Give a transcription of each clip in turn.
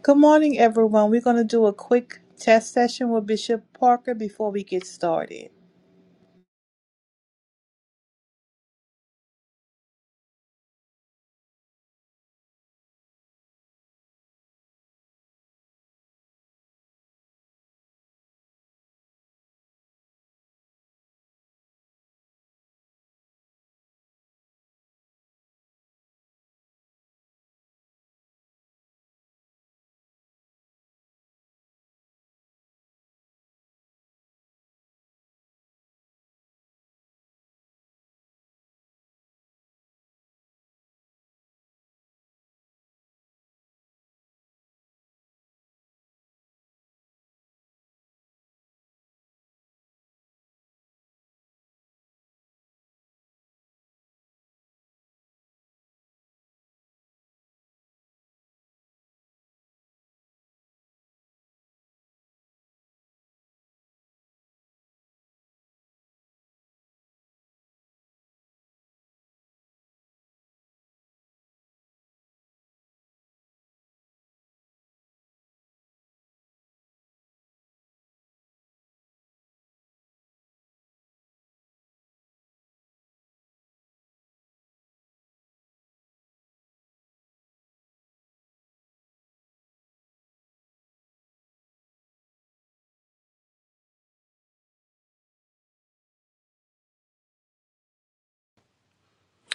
Good morning, everyone. We're going to do a quick test session with Bishop Parker before we get started.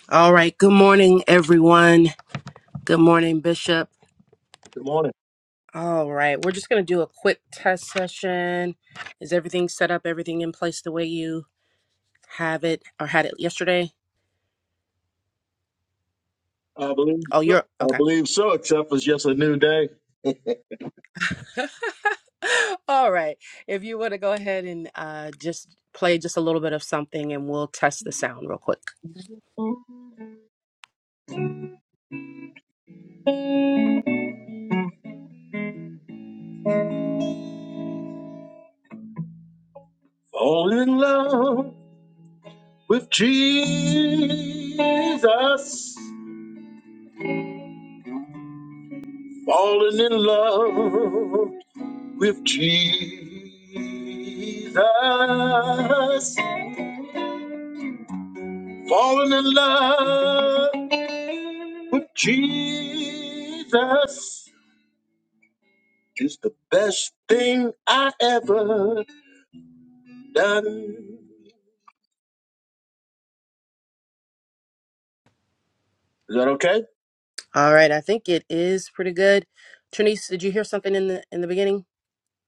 All right. Good morning, everyone. Good morning, Bishop. Good morning. All right. We're just going to do a quick test session. Is everything set up? Everything in place the way you have it or had it yesterday? I believe, Oh, so. you're I okay. believe so, except it's just a new day. All right. If you want to go ahead and uh, just play just a little bit of something and we'll test the sound real quick. Fall in love with Jesus. Falling in love with Jesus. Falling in love with Jesus is the best thing I ever done. Is that okay? All right. I think it is pretty good. Trinice, did you hear something in the in the beginning?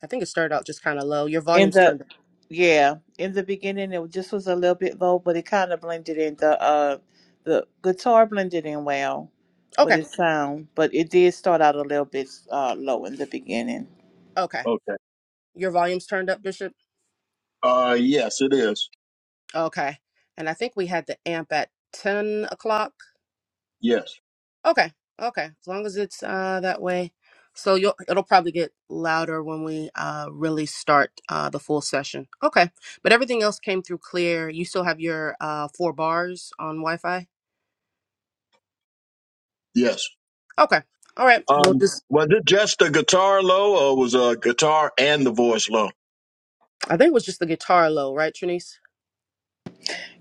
I think it started out just kind of low. Your In volume's the turned up. yeah, in the beginning it just was a little bit low, but it kind of blended in. The uh, the guitar blended in well with Okay. its sound, but it did start out a little bit uh low in the beginning. Okay. Okay. Your volume's turned up, Bishop. Uh, yes, it is. Okay. And I think we had the amp at 10 o'clock. Yes. Okay. Okay. As long as it's uh that way. So you'll it'll probably get louder when we uh really start uh the full session. Okay. But everything else came through clear. You still have your uh four bars on Wi-Fi? Yes. Okay. All right. We'll Um, just was it just the guitar low, or was a uh, guitar and the voice low? I think it was just the guitar low, right, Trinice?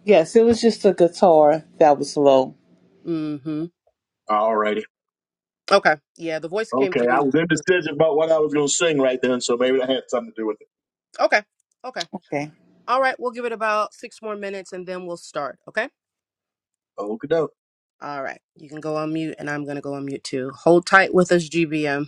Yes, it was just the guitar that was low. Mm-hmm. Alrighty. Okay. Yeah, the voice came Okay, I through. was indecision about what I was going to sing right then, so maybe that had something to do with it. Okay. Okay. Okay. All right, we'll give it about six more minutes and then we'll start. Okay. Okay, doke. All right. You can go on mute, and I'm going to go on mute too. Hold tight with us, GBM.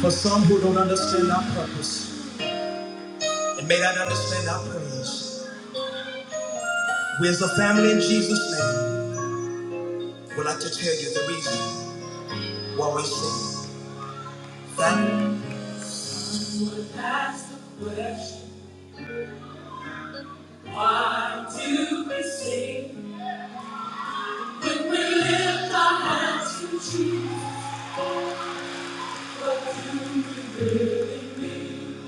For some who don't understand our purpose and may not understand our praise, we as a family in Jesus' name would like to tell you the reason. What we sing, thank you. That's the question. Why do we sing? When we lift our hands to Jesus, what do we really mean?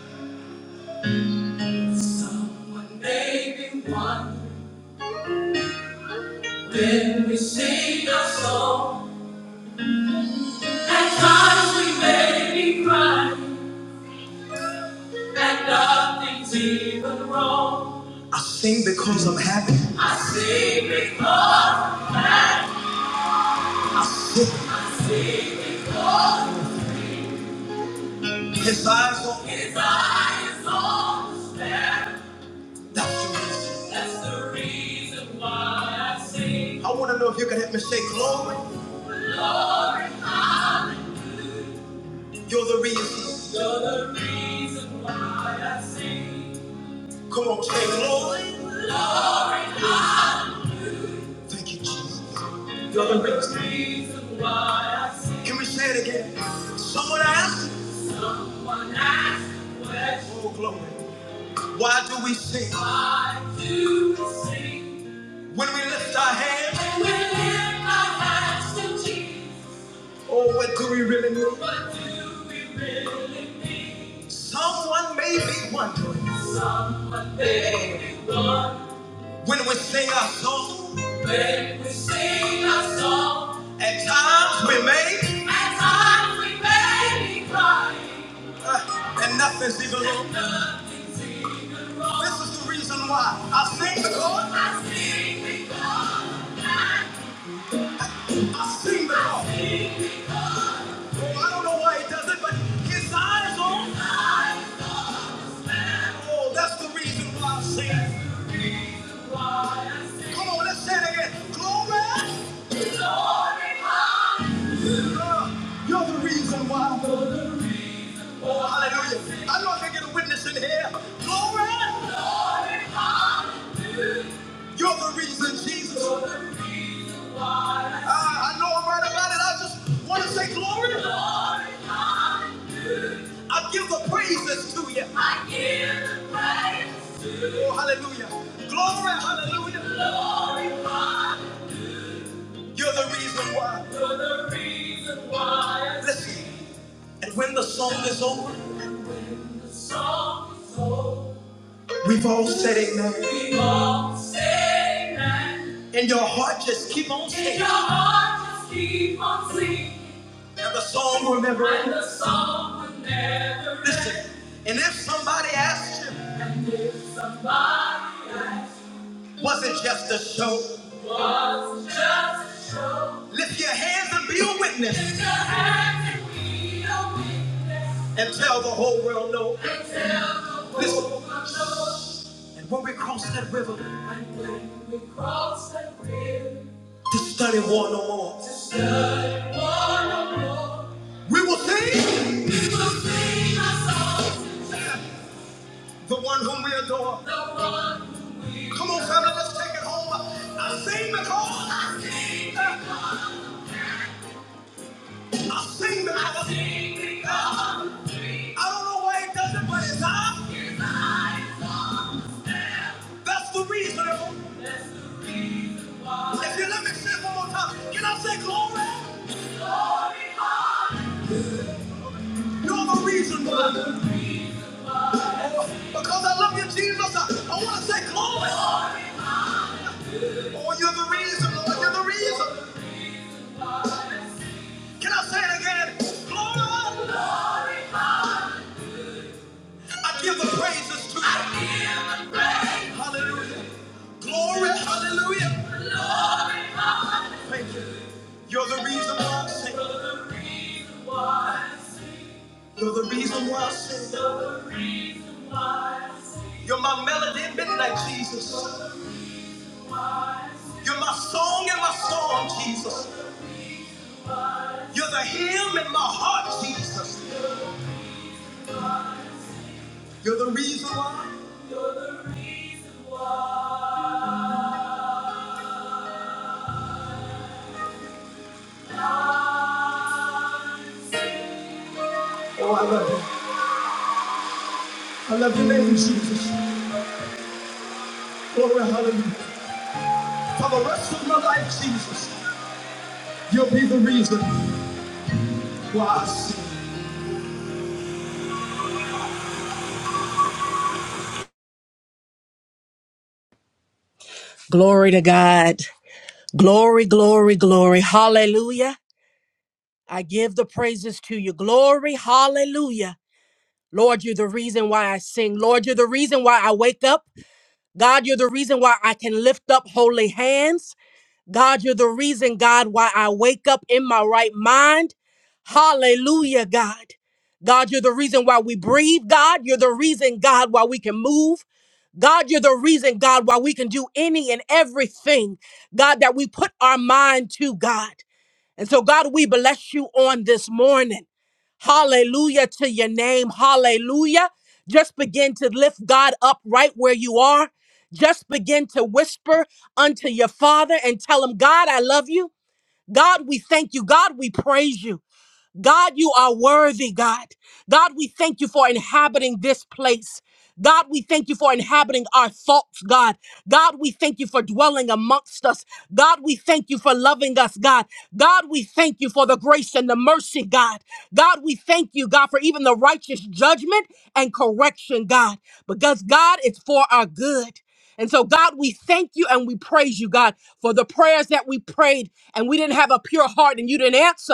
Someone may be wondering when we sing our song. At times we may be crying that nothing's even wrong. I sing because I'm happy. I sing because I sing because. His eyes on His eyes on them. That's the reason. That's the reason why I sing. I want to know if you can help me say glory. Glory, hallelujah. You're the reason. You're the reason why I sing. Come on, say glory. Glory, hallelujah. Thank you, Jesus. You're the reason. You're the reason why I sing. Can we say it again? Someone asked. Someone asked. what- Oh, glory. Why do we sing? Why do we sing? When we lift our hands. When we lift our hands to Jesus. Oh, what do we really need? What do we really need? Someone may be wondering. Someone may be wondering. When we sing our song, When we sing a song, at times we may, at times we may be crying, uh, and nothing's even wrong. nothing's even wrong. This is the reason why I sing the Lord. I sing the Lord. I sing the Lord. Oh, I don't know why he does it, but his eyes on. Oh, that's the reason why I sing. That's why I sing Come on, let's say it again. Glory, glory You're the reason why. Oh, hallelujah. I know I can get a witness in here. Glory. You're the reason, Jesus. I, I know I'm right about it. I just want to say glory. I give the praises to you. I give the praises. to you. Oh, hallelujah. Glory, hallelujah. Glory. hallelujah. You're the reason why. You're the reason why. Listen. And when the song is over, the song is over. We've all said amen. We've all said amen. And your heart just keep on singing. And your heart just keep on singing. And the song will never end. And the song will never end. Listen. And if somebody asks you. And if somebody asks wasn't just a show. Was just a show. Lift your hands and be a witness. Lift your hands and be a witness. And tell the whole world no. And tell the whole world no. And when we cross that river. And when we cross that river. To study war no more. To study war no more. We will sing. We will sing our songs the one whom we adore. The one whom we Come on, family, let's take it home. I sing because I sing because I sing because. I don't know why it does it, but it's I. That's the reason. If you let me say it one more time, can I say glory? You're the reason why. Because I love you, Jesus. I, I want to say glory. Oh, you're the reason, Lord. You're the reason. Can I say it again? Glory. I give the praises to you. Hallelujah. Glory. Hallelujah. You're the reason why I sing. You're the reason why I sing. You're my melody in midnight, Jesus. You're my song in my storm, Jesus. You're the hymn in my heart, Jesus. You're the reason why. Oh, I love you. I love your name, Jesus. Glory, hallelujah. For the rest of my life, Jesus, you'll be the reason why I sing. Glory to God. Glory, glory, glory. Hallelujah. I give the praises to you. Glory, hallelujah. Lord, you're the reason why I sing. Lord, you're the reason why I wake up. God, you're the reason why I can lift up holy hands. God, you're the reason, God, why I wake up in my right mind. Hallelujah, God. God, you're the reason why we breathe. God, you're the reason, God, why we can move. God, you're the reason, God, why we can do any and everything, God, that we put our mind to, God. And so, God, we bless you on this morning. Hallelujah to your name. Hallelujah. Just begin to lift God up right where you are. Just begin to whisper unto your Father and tell him, God, I love you. God, we thank you. God, we praise you. God, you are worthy, God. God, we thank you for inhabiting this place. God, we thank you for inhabiting our thoughts, God. God, we thank you for dwelling amongst us. God, we thank you for loving us, God. God, we thank you for the grace and the mercy, God. God, we thank you, God, for even the righteous judgment and correction, God, because God, it's for our good. And so, God, we thank you and we praise you, God, for the prayers that we prayed and we didn't have a pure heart and you didn't answer.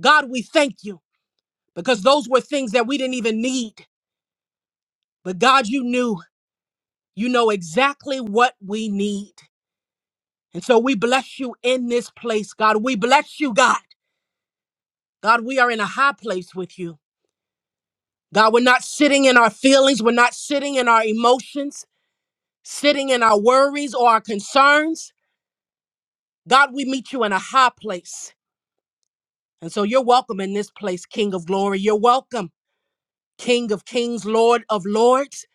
God, we thank you because those were things that we didn't even need. But God, you knew, you know exactly what we need. And so we bless you in this place, God. We bless you, God. God, we are in a high place with you. God, we're not sitting in our feelings, we're not sitting in our emotions, sitting in our worries or our concerns. God, we meet you in a high place. And so you're welcome in this place, King of glory. You're welcome, King of kings, Lord of lords.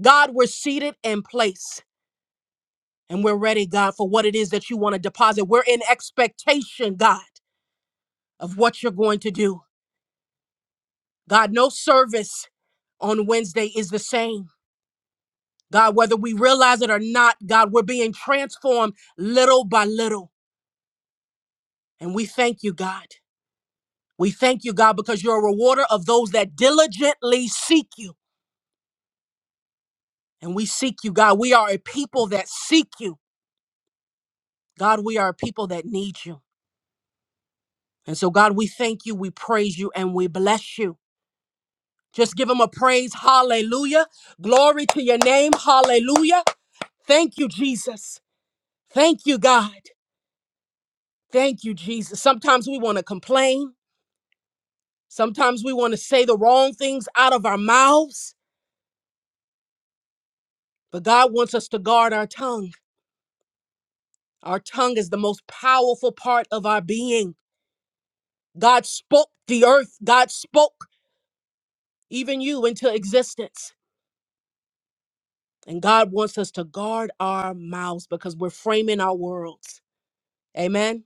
God, we're seated in place. And we're ready, God, for what it is that you want to deposit. We're in expectation, God, of what you're going to do. God, no service on Wednesday is the same. God, whether we realize it or not, God, we're being transformed little by little. And we thank you, God. We thank you, God, because you're a rewarder of those that diligently seek you. And we seek you, God. We are a people that seek you. God, we are a people that need you. And so, God, we thank you, we praise you, and we bless you. Just give him a praise. Hallelujah. Glory to your name. Hallelujah. Thank you, Jesus. Thank you, God. Thank you, Jesus. Sometimes we want to complain. Sometimes we want to say the wrong things out of our mouths, but God wants us to guard our tongue. Our tongue is the most powerful part of our being. God spoke the earth, God spoke even you into existence. And God wants us to guard our mouths because we're framing our worlds. Amen.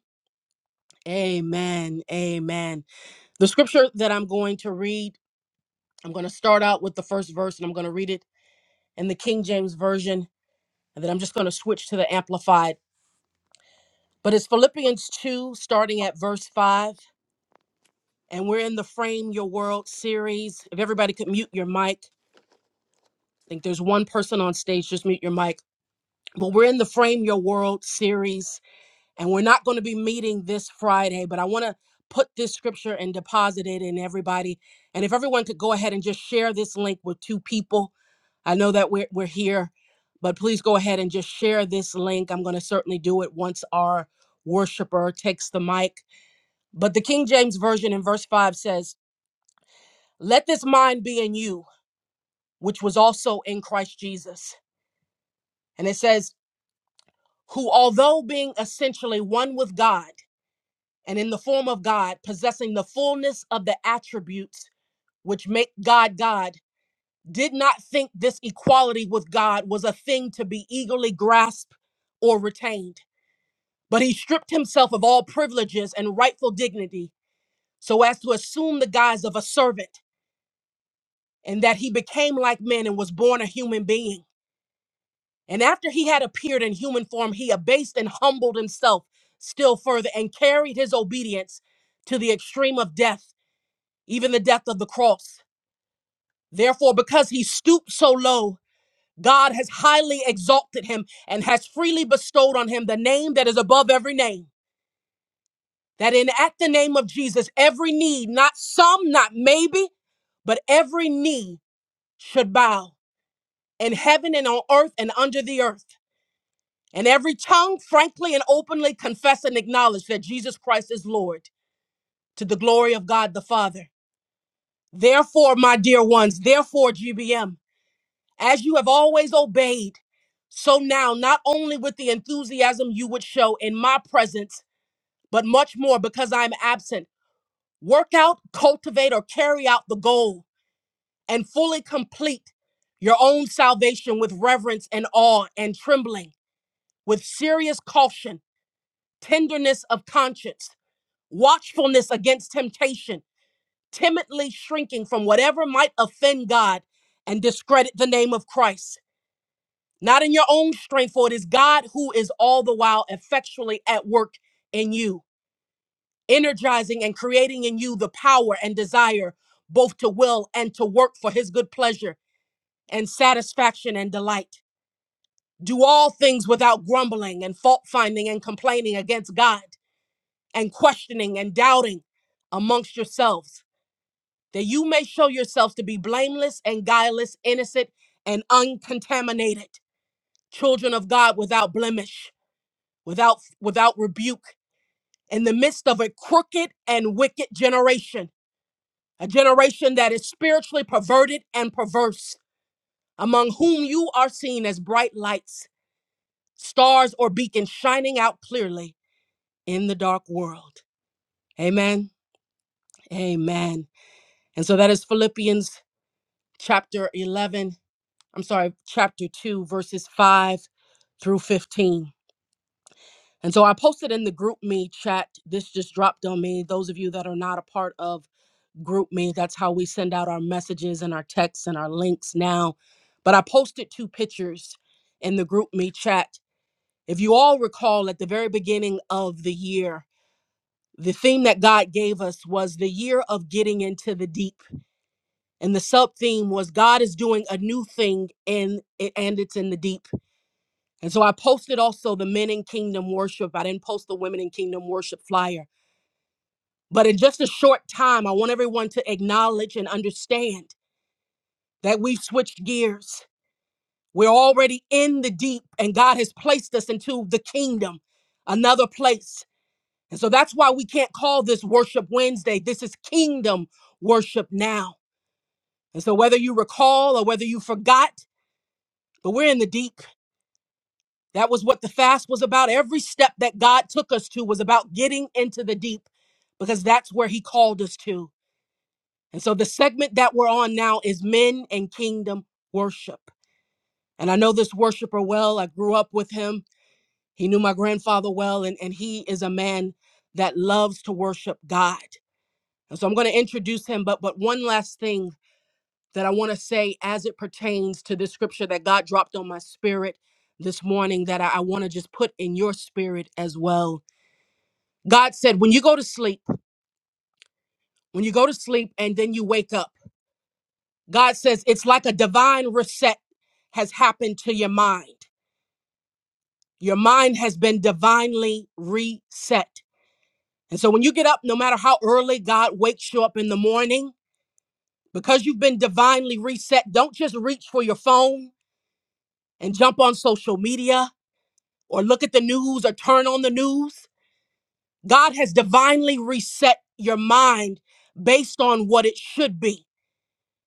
Amen. Amen. The scripture that I'm going to read, I'm going to start out with the first verse and I'm going to read it in the King James Version, and then I'm just going to switch to the Amplified. But it's Philippians 2, starting at verse 5. And we're in the Frame Your World series. If everybody could mute your mic, I think there's one person on stage, just mute your mic. But we're in the Frame Your World series. and we're not going to be meeting this Friday, but I want to put this scripture and deposit it in everybody. And if everyone could go ahead and just share this link with two people, I know that we're we're here, but please go ahead and just share this link. I'm going to certainly do it once our worshiper takes the mic. But the King James version in verse 5 says, "Let this mind be in you, which was also in Christ Jesus." And it says, "Who although being essentially one with God and in the form of God, possessing the fullness of the attributes which make God God, did not think this equality with God was a thing to be eagerly grasped or retained. But he stripped himself of all privileges and rightful dignity so as to assume the guise of a servant, and that he became like men and was born a human being. And after he had appeared in human form, he abased and humbled himself still further and carried his obedience to the extreme of death even the death of the cross. Therefore, because he stooped so low, God has highly exalted him and has freely bestowed on him the name that is above every name. That in at the name of Jesus, every knee, not some, not maybe, but every knee should bow in heaven and on earth and under the earth. And every tongue frankly and openly confess and acknowledge that Jesus Christ is Lord to the glory of God the Father. Therefore, my dear ones, therefore, GBM. As you have always obeyed, so now, not only with the enthusiasm you would show in my presence, but much more because I am absent, work out, cultivate, or carry out the goal and fully complete your own salvation with reverence and awe and trembling, with serious caution, tenderness of conscience, watchfulness against temptation, timidly shrinking from whatever might offend God and discredit the name of Christ not in your own strength, for it is God who is all the while effectually at work in you, energizing and creating in you the power and desire both to will and to work for his good pleasure and satisfaction and delight. Do all things without grumbling and fault finding and complaining against God and questioning and doubting amongst yourselves, that you may show yourselves to be blameless and guileless, innocent and uncontaminated, children of God without blemish without without rebuke in the midst of a crooked and wicked generation a generation that is spiritually perverted and perverse among whom you are seen as bright lights stars or beacons shining out clearly in the dark world amen amen and so that is philippians chapter 11 i'm sorry chapter 2 verses 5 through 15 and so i posted in the group me chat this just dropped on me those of you that are not a part of group me that's how we send out our messages and our texts and our links now but i posted two pictures in the group me chat if you all recall at the very beginning of the year the theme that god gave us was the year of getting into the deep and the sub theme was god is doing a new thing and and it's in the deep and so i posted also the men in kingdom worship i didn't post the women in kingdom worship flyer but in just a short time i want everyone to acknowledge and understand that we've switched gears. We're already in the deep, and God has placed us into the kingdom, another place. And so that's why we can't call this Worship Wednesday. This is kingdom worship now. And so, whether you recall or whether you forgot, but we're in the deep. That was what the fast was about. Every step that God took us to was about getting into the deep because that's where He called us to. And so, the segment that we're on now is Men and Kingdom Worship. And I know this worshiper well. I grew up with him. He knew my grandfather well, and, and he is a man that loves to worship God. And so I'm going to introduce him, but but one last thing that I want to say as it pertains to this scripture that God dropped on my spirit this morning that I, I want to just put in your spirit as well. God said, when you go to sleep, when you go to sleep and then you wake up, God says it's like a divine reset has happened to your mind. Your mind has been divinely reset. And so when you get up, no matter how early God wakes you up in the morning, because you've been divinely reset, don't just reach for your phone and jump on social media or look at the news or turn on the news. God has divinely reset your mind based on what it should be.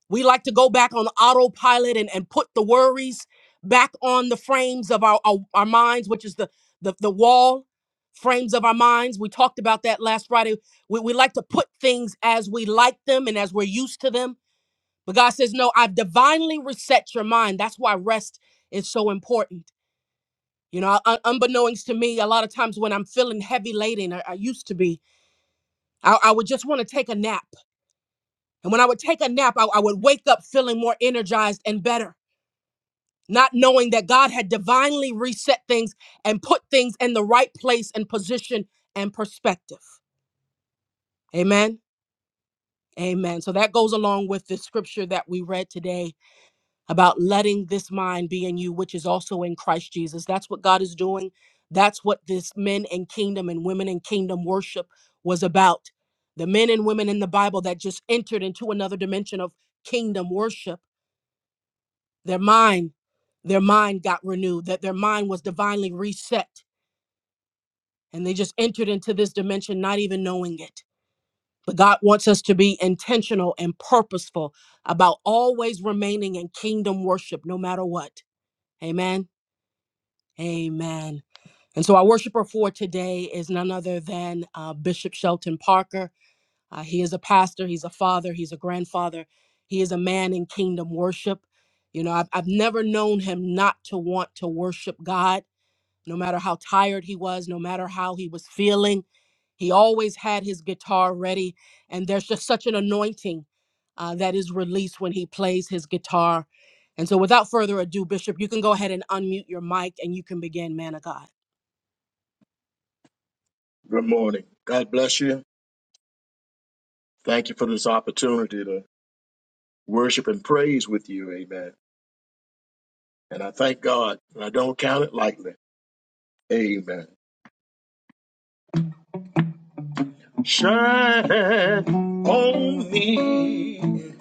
We like to go back on autopilot and, and put the worries back on the frames of our, our, our minds, which is the, the, the wall frames of our minds. We talked about that last Friday. We, we like to put things as we like them and as we're used to them. But God says, No, I've divinely reset your mind. That's why rest is so important. You know, un- unbeknownst to me, a lot of times when I'm feeling heavy laden, I, I used to be, I, I would just want to take a nap. And when I would take a nap, I I would wake up feeling more energized and better not knowing that God had divinely reset things and put things in the right place and position and perspective. Amen. Amen. So that goes along with the scripture that we read today about letting this mind be in you, which is also in Christ Jesus. That's what God is doing. That's what this men and kingdom and women in kingdom worship was about. The men and women in the Bible that just entered into another dimension of kingdom worship, their mind, their mind got renewed, that their mind was divinely reset and they just entered into this dimension not even knowing it. But God wants us to be intentional and purposeful about always remaining in kingdom worship no matter what. Amen. Amen. And so our worshiper for today is none other than uh, Bishop Shelton Parker. Uh, he is a pastor, he's a father, he's a grandfather, he is a man in kingdom worship. You know, I've, I've never known him not to want to worship God no matter how tired he was, no matter how he was feeling. He always had his guitar ready. And there's just such an anointing uh, that is released when he plays his guitar. And so, without further ado, Bishop, you can go ahead and unmute your mic and you can begin, man of God. Good morning. God bless you. Thank you for this opportunity to worship and praise with you. Amen. And I thank God, and I don't count it lightly. Amen. Shine on me,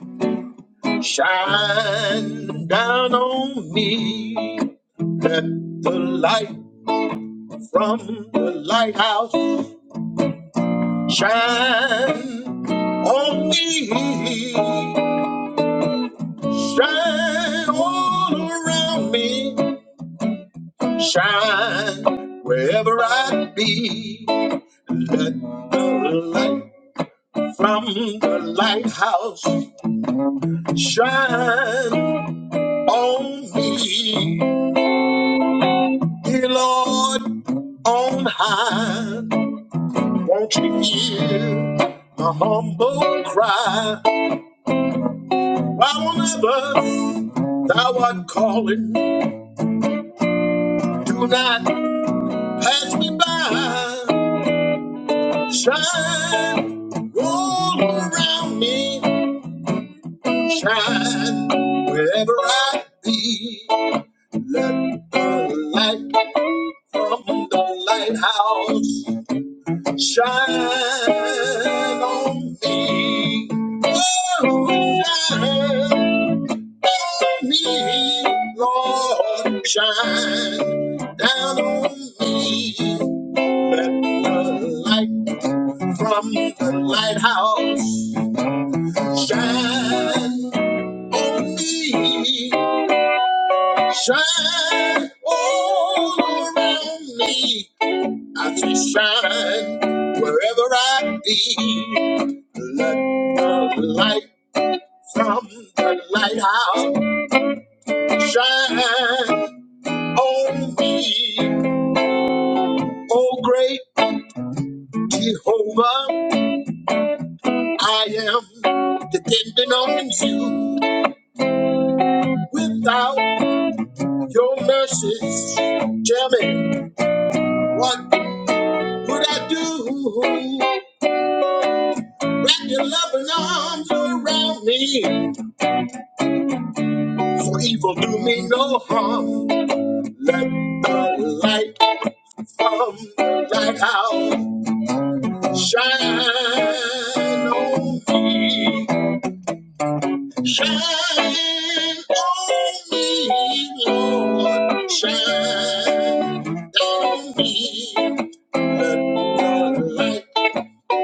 shine down on me. Let the light from the lighthouse shine on me, shine all around me, shine wherever I be. Let the light from the lighthouse shine on me, dear Lord on high. Won't you hear my humble cry? I will never, thou art calling. Do not pass me by. Shine, roll around me. Shine, wherever I be. Let the light from the lighthouse shine on me. Oh, shine. me, Lord, shine down on me. Let the light from the lighthouse shine on me. Shine all around me. I say shine wherever I be. Let the light from the lighthouse shine on me. Oh, great Jehovah, I am depending on you. Without your mercies, tell me, what would I do? Wrap your loving arms around me, for evil do me no harm. Let the light from thy house shine on me. Shine on me, Lord, shine on me. Let your light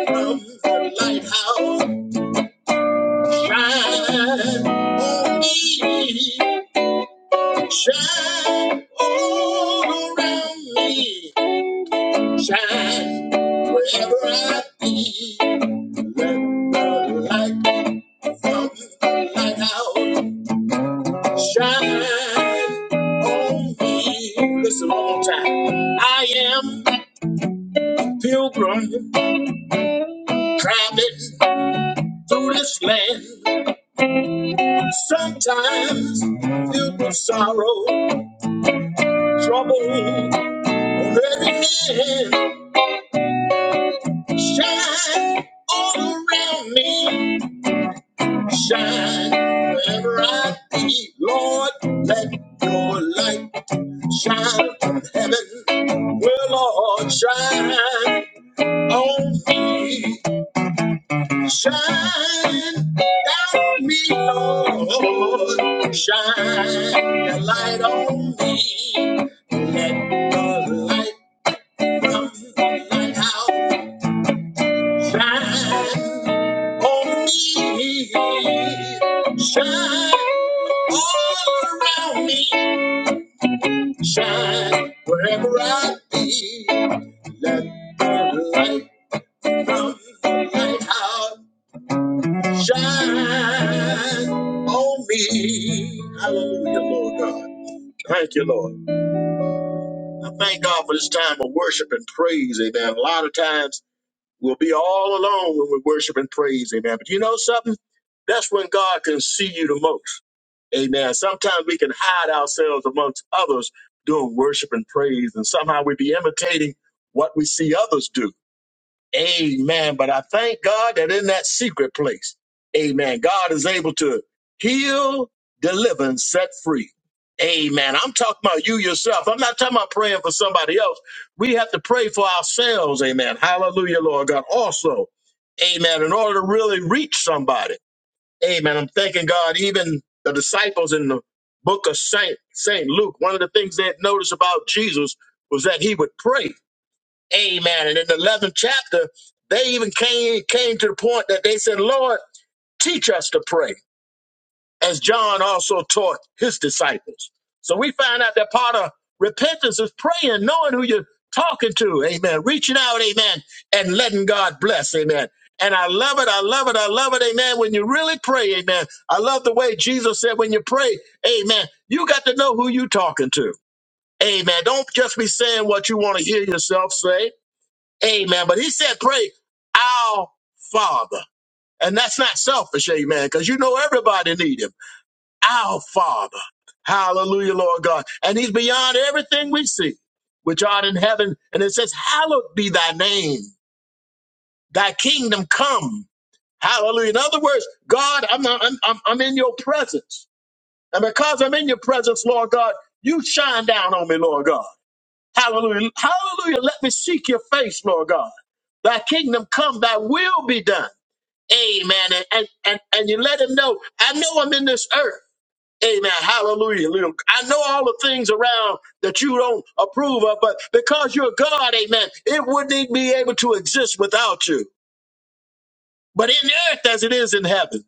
from the lighthouse shine on me. Shine all around me. Shine wherever I be. Let the light from the lighthouse Shine on me. Listen one more time. I am a pilgrim traveling through this land. Sometimes filled with sorrow, trouble on every hand. Shine all around me. Shine wherever I be. Lord, let your light shine from heaven. Well, Lord, shine. on me. Shine down me, Lord. Shine the light on me. Let the light from the lighthouse shine on me. Shine all around me. Shine wherever I be. Let the light from the lighthouse Shine on me. Hallelujah, Lord God. Thank you, Lord. I thank God for this time of worship and praise, amen. A lot of times we'll be all alone when we worship and praise, amen. But you know something? That's when God can see you the most, amen. Sometimes we can hide ourselves amongst others doing worship and praise, and somehow we be imitating what we see others do. Amen. But I thank God that in that secret place, amen, God is able to heal, deliver, and set free. Amen. I'm talking about you yourself. I'm not talking about praying for somebody else. We have to pray for ourselves. Amen. Hallelujah, Lord God. Also, amen, in order to really reach somebody. Amen. I'm thanking God, even the disciples in the book of Saint, Saint Luke, one of the things they had noticed about Jesus was that he would pray. Amen. And in the eleventh chapter, they even came came to the point that they said, "Lord, teach us to pray," as John also taught his disciples. So we find out that part of repentance is praying, knowing who you're talking to. Amen. Reaching out, amen, and letting God bless. Amen. And I love it. I love it. I love it. Amen. When you really pray, amen. I love the way Jesus said, when you pray, amen, you got to know who you're talking to. Amen. Don't just be saying what you want to hear yourself say. Amen. But he said, pray our Father. And that's not selfish, amen, because you know everybody need him. Our Father. Hallelujah, Lord God. And he's beyond everything we see, which art in heaven. And it says, hallowed be thy name, thy kingdom come. Hallelujah. In other words, God, I'm, I'm, I'm, I'm in your presence. And because I'm in your presence, Lord God, you shine down on me, Lord God. Hallelujah. Hallelujah. Let me seek your face, Lord God. Thy kingdom come, thy will be done. Amen. And, and, and, and you let him know, I know I'm in this earth. Amen. Hallelujah. Little- I know all the things around that you don't approve of, but because you're God, amen, it wouldn't even be able to exist without you. But in the earth as it is in heaven.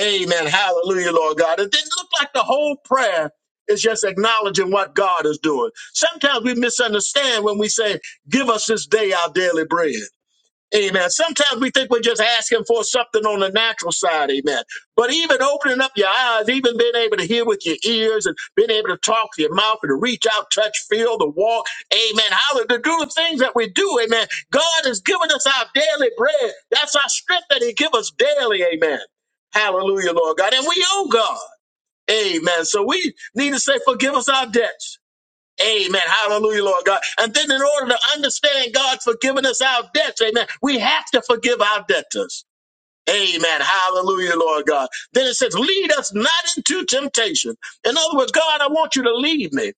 Amen. Hallelujah, Lord God. It didn't look like the whole prayer is just acknowledging what God is doing. Sometimes we misunderstand when we say, Give us this day our daily bread. Amen. Sometimes we think we're just asking for something on the natural side. Amen. But even opening up your eyes, even being able to hear with your ears and being able to talk to your mouth and to reach out, touch, feel, to walk. Amen. How to do the things that we do. Amen. God has given us our daily bread. That's our strength that he gives us daily. Amen. Hallelujah, Lord God. And we owe God. Amen. So we need to say, forgive us our debts Amen. Hallelujah, Lord God. And then in order to understand God's forgiving us our debts, amen, we have to forgive our debtors. Amen. Hallelujah, Lord God. Then it says, lead us not into temptation. In other words, God, I want you to lead me.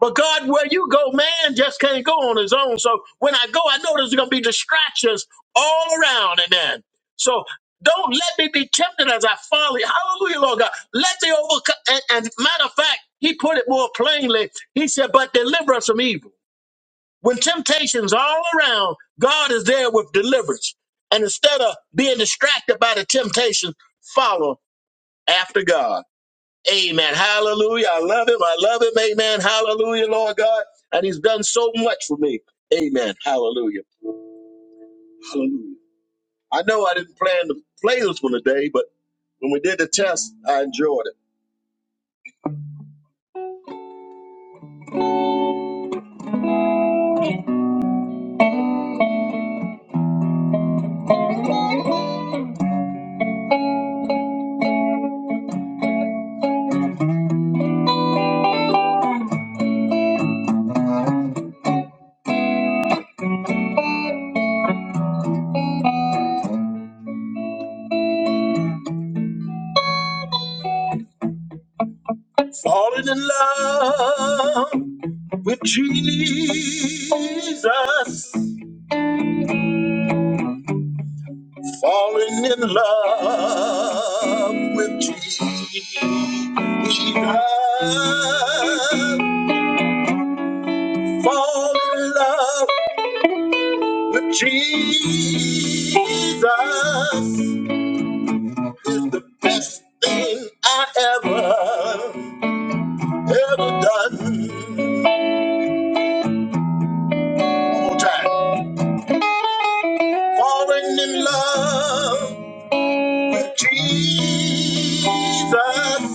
But God, where you go, man just can't go on his own. So when I go, I know there's going to be distractions all around. Amen. So don't let me be tempted as I follow. you. Hallelujah, Lord God. Let the overcome. And, and matter of fact, he put it more plainly. He said, but deliver us from evil. When temptation's all around, God is there with deliverance. And instead of being distracted by the temptation, follow after God. Amen. Hallelujah. I love him. I love him. Amen. Hallelujah, Lord God. And he's done so much for me. Amen. Hallelujah. Hallelujah. I know I didn't plan to play this one today, but when we did the test, I enjoyed it. Falling in love with Jesus. Falling in love with Jesus. Fall in love But Jesus is the best thing I ever, ever done. One more time. Falling in love with Jesus,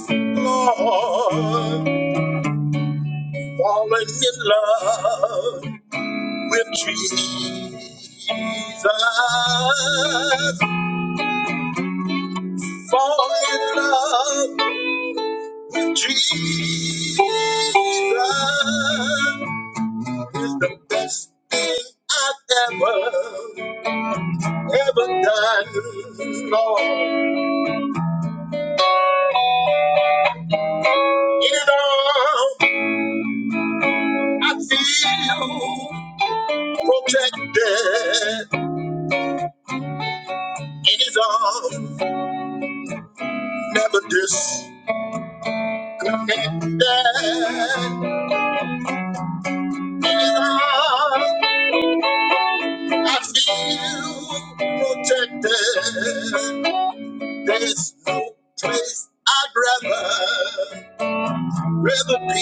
Lord. Falling in love with Jesus. Falling in love Jesus is the best thing I've ever, ever done. Lord, in it all, I feel protected. In His arms, never disconnected. In His arms, I feel protected. There's no place I'd rather. Rather be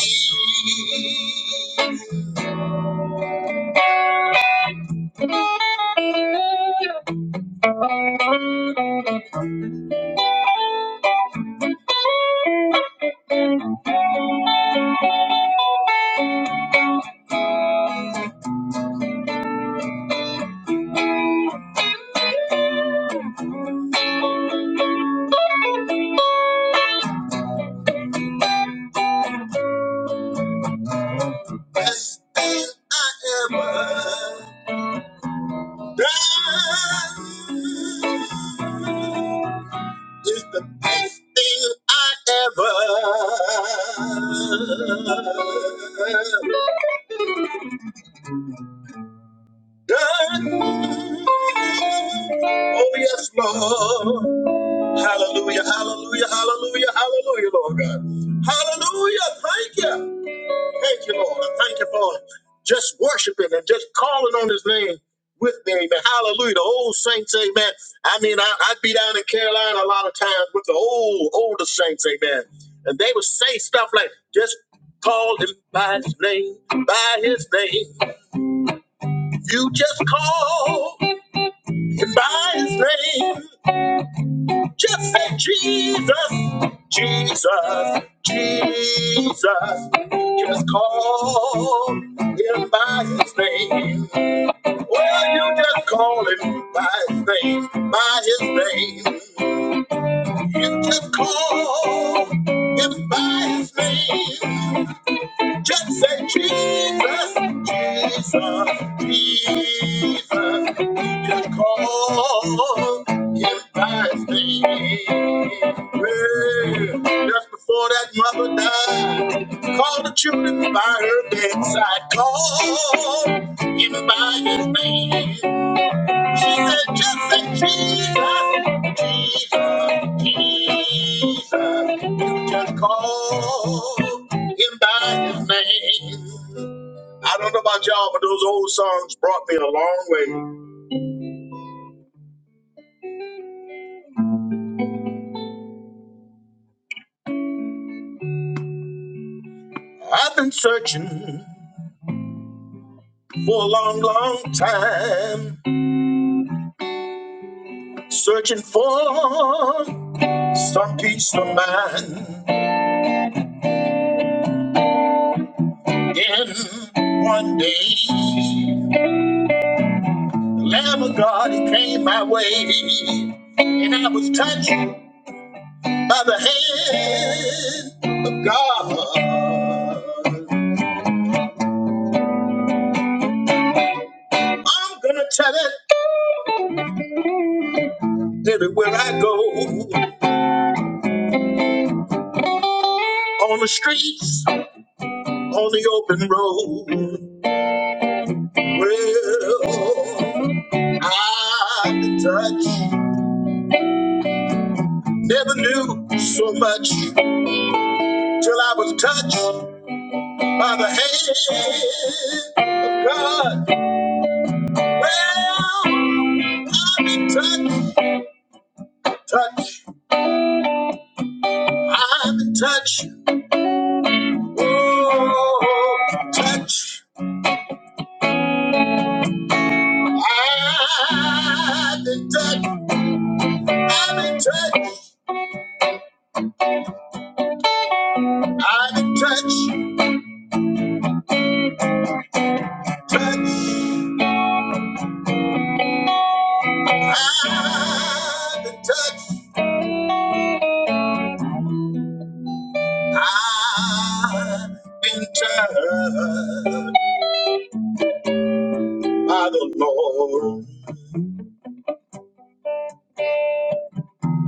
blessed than I ever die. It's the best thing I ever done. Oh yes, Lord. Hallelujah, hallelujah, hallelujah, hallelujah, Lord God. Hallelujah, thank you. Thank you, Lord. I Thank you for just worshiping and just calling on his name with me. Amen. Hallelujah. The old saints, amen. I mean, I, I'd be down in Carolina a lot of times with the old, older saints, amen. And they would say stuff like, just call him by his name, by his name. You just call him by his name. Just say Jesus, Jesus, Jesus. Just call him by his name. Well, you just call him by his name, by his name. You just call him by his name. Just say Jesus, Jesus, Jesus. You can call him by his name. Yeah. Just before that mother died, call the children by her bedside. Call him by his name. She said, Jesus, Jesus, Jesus. You just call him by his name. I don't know about y'all, but those old songs brought me a long way. I've been searching for a long, long time, searching for some peace of mind. Then one day, the Lamb of God, he came my way. And I was touched. by the hand of God. I'm gonna tell it everywhere I go, on the streets, on the open road. Well, I been touched, never knew so much till I was touched by the hand of God. Well, I've been touched, touched, I've been touched, oh, touched. I have been touched. I have been touched. I have been touched, touched. I have been touched. I have been touched by the Lord.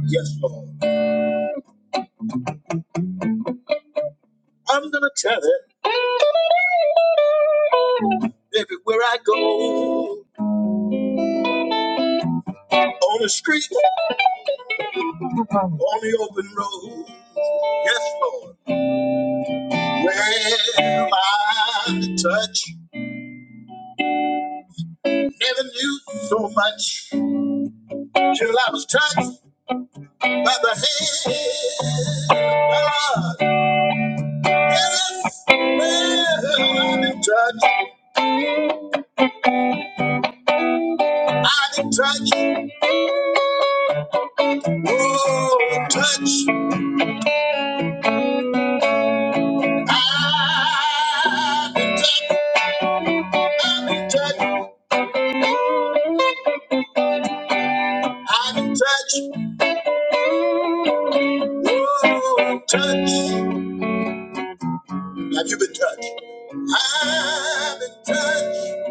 Yes, Lord. I'm gonna tell it everywhere I go, on the street, on the open road. Yes, Lord. Well, I have been touched. never knew so much till I was touched. by the hand of yes, well, I've been touched, I've been touched, oh, touched, I've been touched, I've been touched, I've been touched, oh, touched. Have you been touched? I've been touched.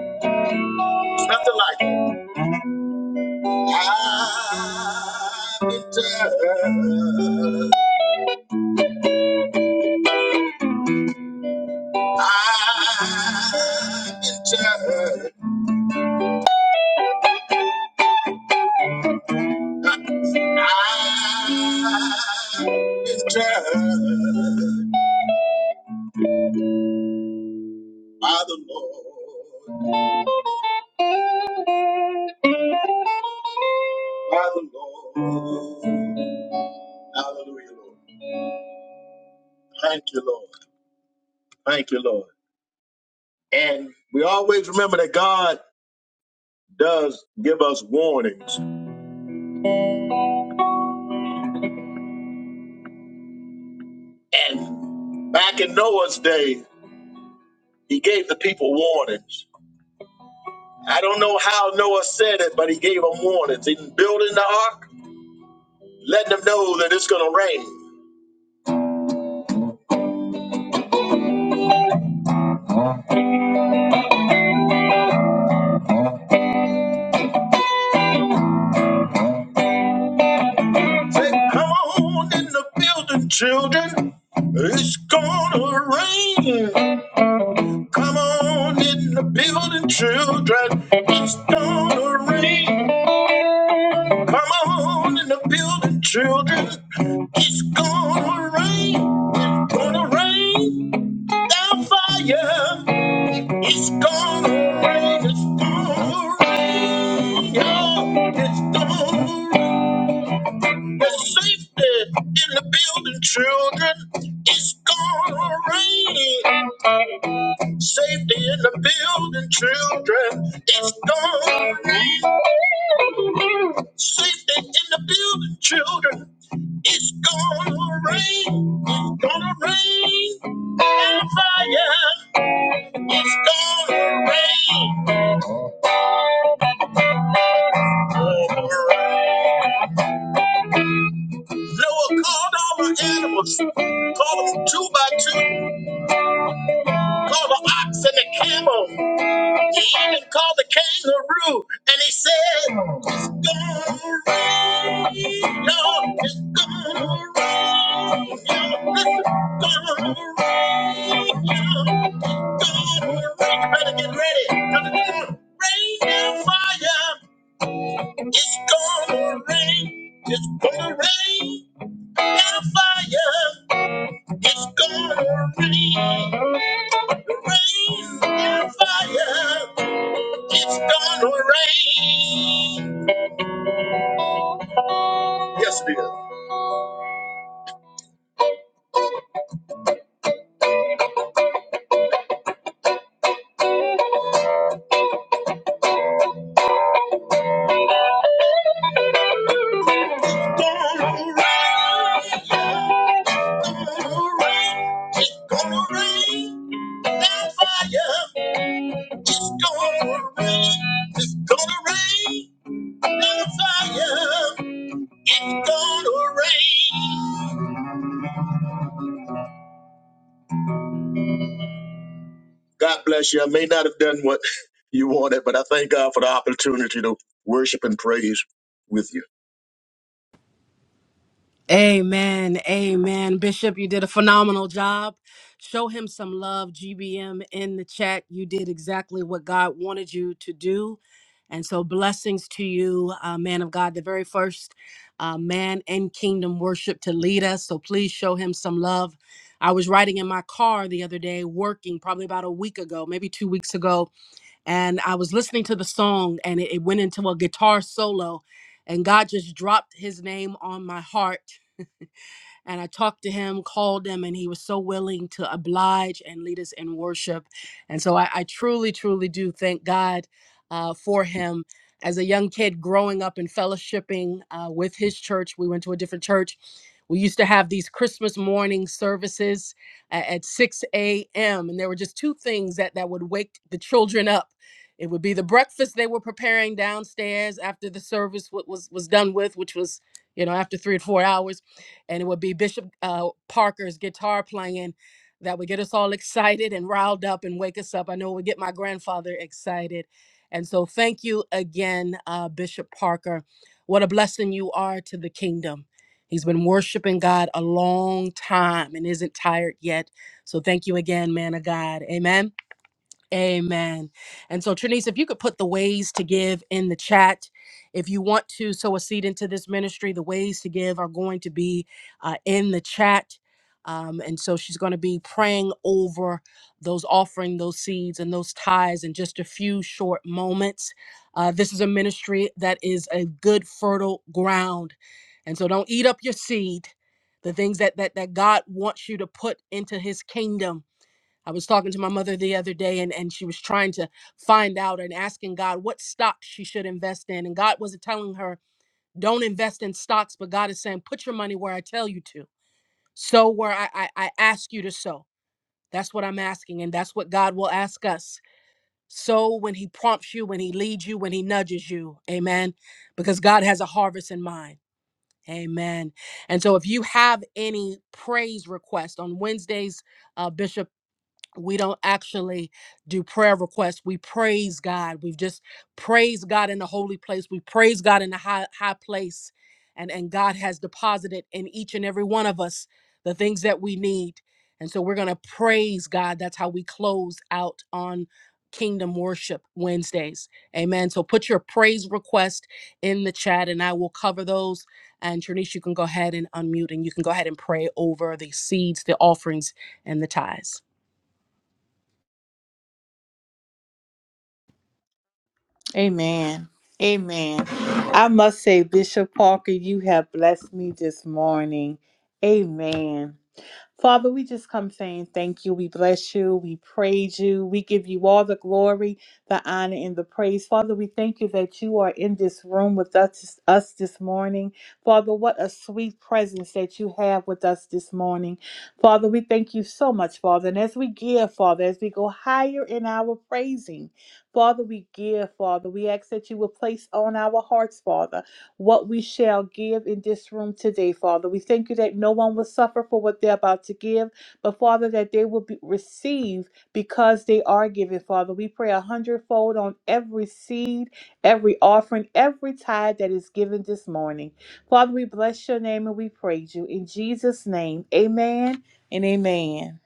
It's nothing like it. I've been touched. I've been touched. lifted by the Lord, by the Lord. Hallelujah, Lord. Thank you, Lord. Thank you, Lord. And we always remember that God does give us warnings. And back in Noah's day, he gave the people warnings. I don't know how Noah said it, but he gave them warnings. In building the ark, letting them know that it's going to rain. Say, come on in the building, children. It's gonna rain. Come on in the building, children. It's gonna rain. Come on in the building, children. It's gonna rain. It's gonna rain down fire. It's gonna rain. It's gonna rain. Yeah, it's gonna rain. There's safety in the building, children. It's gonna rain. Safety in the building, children. It's gonna rain. Safety in the building, children. It's gonna rain. It's gonna rain. And fire. It's gonna rain. Noah called all the animals, called them two by two, called the ox and the camel. He even called the kangaroo and he said, It's gonna rain, y'all. It's gonna rain, y'all. It's gonna rain, y'all. Gonna rain. You better get ready. 'cause it's gonna rain down fire. It's gonna rain. It's gonna rain down fire. It's gonna rain. Rain down fire. It's gonna rain. Yes, it is. Gonna rain. Gonna rain. It's gonna rain. That fire. It's gonna rain. It's gonna rain. That fire. It's gonna rain. God bless you. I may not have done what you wanted, but I thank God for the opportunity to worship and praise with you. Amen. Amen. Bishop, you did a phenomenal job. Show him some love, GBM, in the chat. You did exactly what God wanted you to do. And so, blessings to you, uh, man of God, the very first uh, man in kingdom worship to lead us. So, please show him some love. I was riding in my car the other day, working probably about a week ago, maybe two weeks ago, and I was listening to the song and it it went into a guitar solo, and God just dropped his name on my heart and I talked to him, called him, and he was so willing to oblige and lead us in worship. And so I, I truly, truly do thank God uh, for him. As a young kid growing up and fellowshipping uh, with his church, we went to a different church. We used to have these Christmas morning services a- at 6 a.m. And there were just two things that, that would wake the children up. It would be the breakfast they were preparing downstairs after the service wa- was, was done with, which was, you know, after three or four hours and it would be Bishop uh, Parker's guitar playing that would get us all excited and riled up and wake us up. I know it would get my grandfather excited. And so, thank you again, uh, Bishop Parker. What a blessing you are to the kingdom. He's been worshiping God a long time and isn't tired yet. So, thank you again, man of God. Amen. Amen. And so, Trinice, if you could put the ways to give in the chat, if you want to sow a seed into this ministry, the ways to give are going to be uh, in the chat. Um, and so she's going to be praying over those offering, those seeds, and those ties in just a few short moments. Uh, this is a ministry that is a good, fertile ground. And so don't eat up your seed. The things that, that, that God wants you to put into his kingdom I was talking to my mother the other day and, and she was trying to find out and asking God what stocks she should invest in. And God wasn't telling her, don't invest in stocks, but God is saying, put your money where I tell you to. Sow where I, I, I ask you to sow. That's what I'm asking. And that's what God will ask us. Sow when He prompts you, when He leads you, when He nudges you. Amen. Because God has a harvest in mind. Amen. And so if you have any praise request on Wednesdays, uh, Bishop we don't actually do prayer requests. We praise God. We've just praised God in the holy place. We praise God in the high high place. And and God has deposited in each and every one of us the things that we need. And so we're going to praise God. That's how we close out on Kingdom Worship Wednesdays. Amen. So put your praise request in the chat and I will cover those. And Trinice, you can go ahead and unmute and you can go ahead and pray over the seeds, the offerings, and the tithes. Amen. Amen. I must say, Bishop Parker, you have blessed me this morning. Amen. Father, we just come saying thank you. We bless you. We praise you. We give you all the glory, the honor, and the praise. Father, we thank you that you are in this room with us, us this morning. Father, what a sweet presence that you have with us this morning. Father, we thank you so much, Father. And as we give, Father, as we go higher in our praising, Father, we give, Father. We ask that you will place on our hearts, Father what we shall give in this room today, Father. We thank you that no one will suffer for what they're about to give, but Father, that they will be receive because they are given, Father. We pray a hundredfold on every seed, every offering, every tithe that is given this morning. Father, we bless your name and we praise you. In Jesus' name, amen and amen.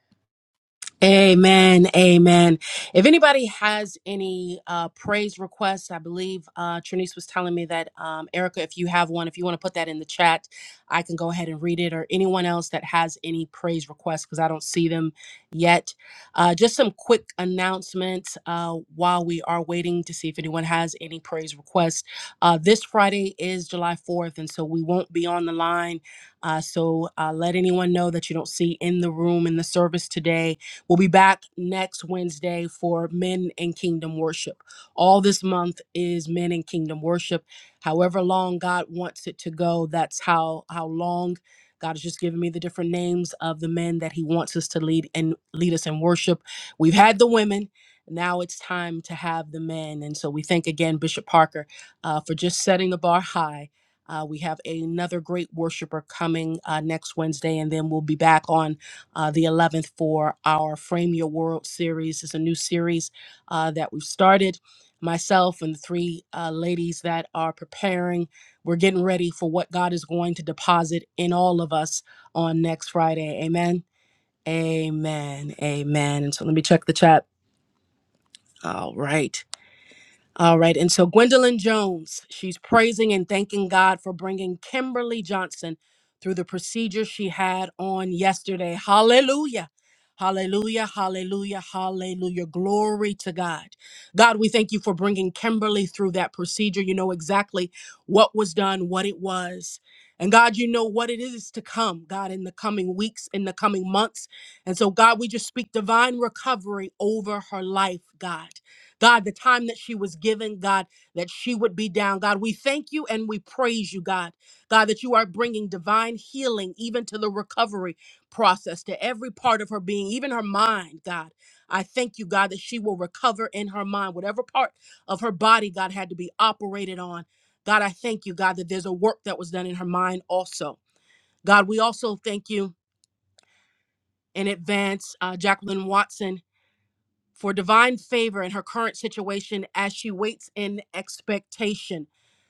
Amen. Amen. If anybody has any uh, praise requests, I believe uh, Trinice was telling me that, um, Erica, if you have one, if you want to put that in the chat, I can go ahead and read it, or anyone else that has any praise requests, because I don't see them yet. Uh, just some quick announcements uh, while we are waiting to see if anyone has any praise requests. Uh, this Friday is July 4th, and so we won't be on the line. Uh, so uh, let anyone know that you don't see in the room in the service today We'll be back next Wednesday for Men and Kingdom Worship. All this month is Men and Kingdom Worship. However long God wants it to go, that's how how long God has just given me the different names of the men that He wants us to lead and lead us in worship. We've had the women. Now it's time to have the men. And so we thank again Bishop Parker uh, for just setting the bar high. Uh, we have another great worshiper coming uh, next Wednesday, and then we'll be back on uh, the 11th for our Frame Your World series. It's a new series uh, that we've started. Myself and the three uh, ladies that are preparing, we're getting ready for what God is going to deposit in all of us on next Friday. Amen. Amen. Amen. And so let me check the chat. All right. All right. And so Gwendolyn Jones, she's praising and thanking God for bringing Kimberly Johnson through the procedure she had on yesterday. Hallelujah. Hallelujah. Hallelujah. Hallelujah. Glory to God. God, we thank you for bringing Kimberly through that procedure. You know exactly what was done, what it was. And God, you know what it is to come, God, in the coming weeks, in the coming months. And so, God, we just speak divine recovery over her life, God. God, the time that she was given, God, that she would be down. God, we thank you and we praise you, God. God, that you are bringing divine healing even to the recovery process, to every part of her being, even her mind, God. I thank you, God, that she will recover in her mind, whatever part of her body, God, had to be operated on. God, I thank you, God, that there's a work that was done in her mind also. God, we also thank you in advance, uh, Jacqueline Watson for divine favor in her current situation as she waits in expectation.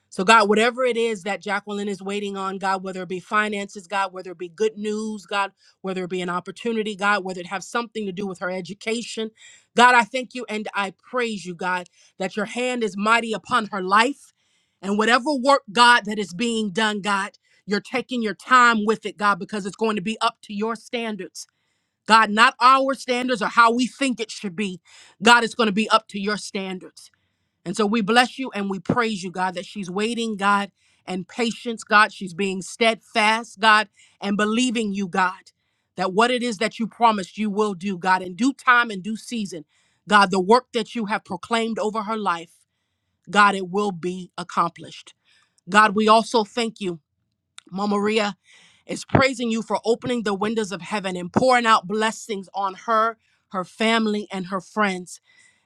So, God, whatever it is that Jacqueline is waiting on, God, whether it be finances, God, whether it be good news, God, whether it be an opportunity, God, whether it have something to do with her education, God, I thank you and I praise you, God, that your hand is mighty upon her life. And whatever work, God, that is being done, God, you're taking your time with it, God, because it's going to be up to your standards. God, not our standards or how we think it should be. God, it's going to be up to your standards. And so we bless you and we praise you, God, that she's waiting, God, and patience, God. She's being steadfast, God, and believing you, God, that what it is that you promised you will do, God, in due time and due season, God, the work that you have proclaimed over her life, God, it will be accomplished. God, we also thank you Mama Maria is praising you for opening the windows of heaven and pouring out blessings on her, her family, and her friends.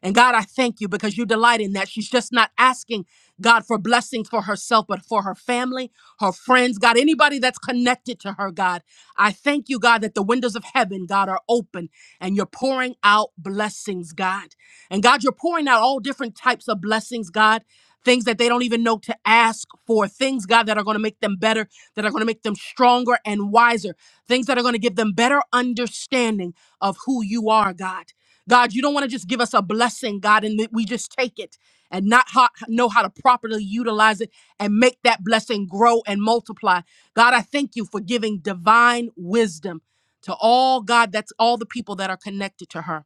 And God, I thank you because you delight in that. She's just not asking God for blessings for herself, but for her family, her friends, God, anybody that's connected to her, God. I thank you, God, that the windows of heaven, God, are open and you're pouring out blessings, God. And God, you're pouring out all different types of blessings, God, things that they don't even know to ask for, things, God, that are going to make them better that are going to make them stronger and wiser, things that are going to give them better understanding of who you are, God. God, you don't want to just give us a blessing, God, and that we just take it and not ho- know how to properly utilize it and make that blessing grow and multiply. God, I thank you for giving divine wisdom to all, God, that's all the people that are connected to her.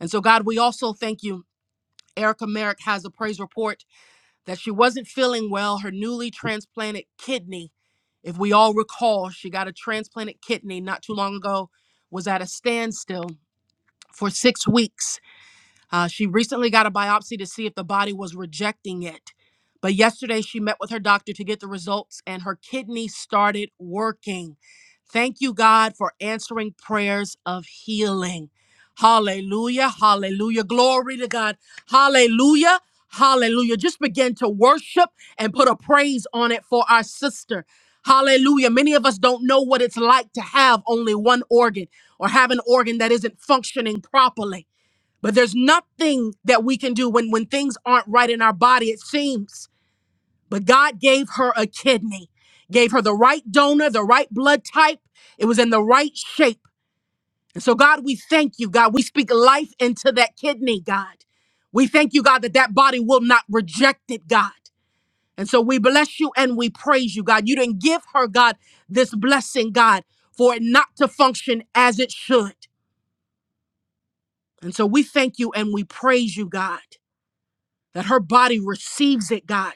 And so, God, we also thank you. Erica Merrick has a praise report that she wasn't feeling well. Her newly transplanted kidney, if we all recall, she got a transplanted kidney not too long ago, was at a standstill for six weeks uh, she recently got a biopsy to see if the body was rejecting it. But yesterday, she met with her doctor to get the results, and her kidney started working. Thank you, God, for answering prayers of healing. Hallelujah. Hallelujah. Glory to God. Hallelujah. Hallelujah. Just begin to worship and put a praise on it for our sister. Hallelujah. Many of us don't know what it's like to have only one organ or have an organ that isn't functioning properly. But there's nothing that we can do when when things aren't right in our body it seems. But God gave her a kidney. Gave her the right donor, the right blood type. It was in the right shape. And so God, we thank you, God. We speak life into that kidney, God. We thank you, God, that that body will not reject it, God. And so we bless you and we praise you, God. You didn't give her, God, this blessing, God, for it not to function as it should. And so we thank you and we praise you, God. that her body receives it, God.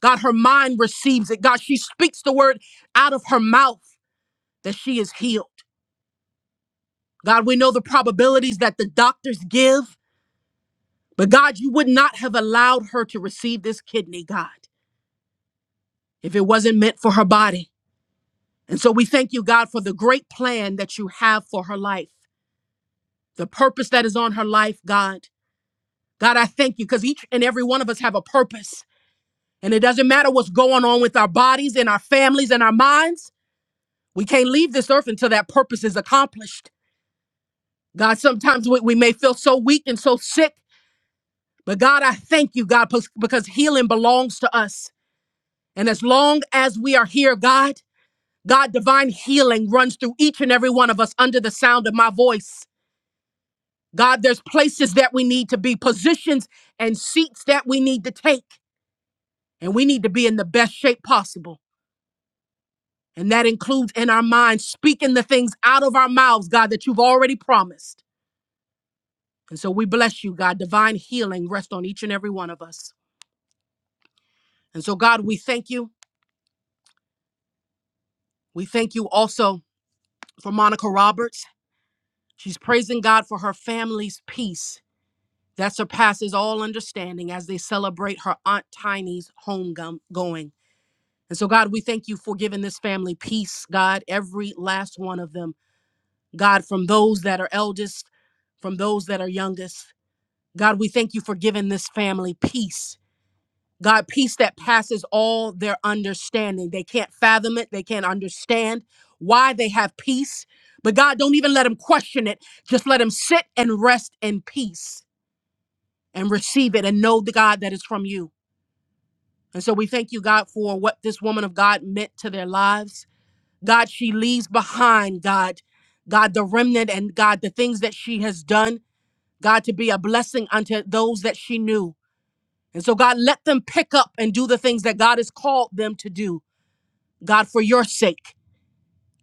God, her mind receives it. God, she speaks the word out of her mouth that she is healed. God, we know the probabilities that the doctors give, but God, you would not have allowed her to receive this kidney, God, if it wasn't meant for her body. And so we thank you, God, for the great plan that you have for her life, the purpose that is on her life, God. God, I thank you because each and every one of us have a purpose. And it doesn't matter what's going on with our bodies and our families and our minds. We can't leave this earth until that purpose is accomplished. God, sometimes we, we may feel so weak and so sick, but God, I thank you, God, pos- because healing belongs to us. And as long as we are here, God, God, divine healing runs through each and every one of us under the sound of my voice. God, there's places that we need to be, positions and seats that we need to take, and we need to be in the best shape possible. And that includes in our minds, speaking the things out of our mouths, God, that you've already promised. And so we bless you, God. Divine healing rest on each and every one of us. And so, God, we thank you. We thank you also for Monica Roberts. She's praising God for her family's peace that surpasses all understanding as they celebrate her Aunt Tiny's homegoing. And so, God, we thank you for giving this family peace, God, every last one of them. God, from those that are eldest, from those that are youngest. God, we thank you for giving this family peace God, peace that passes all their understanding. They can't fathom it. They can't understand why they have peace. But God, don't even let them question it. Just let them sit and rest in peace and receive it and know the God that is from you. And so we thank you, God, for what this woman of God meant to their lives. God, she leaves behind, God, God, the remnant and God, the things that she has done, God, to be a blessing unto those that she knew. And so, God, let them pick up and do the things that God has called them to do. God, for your sake.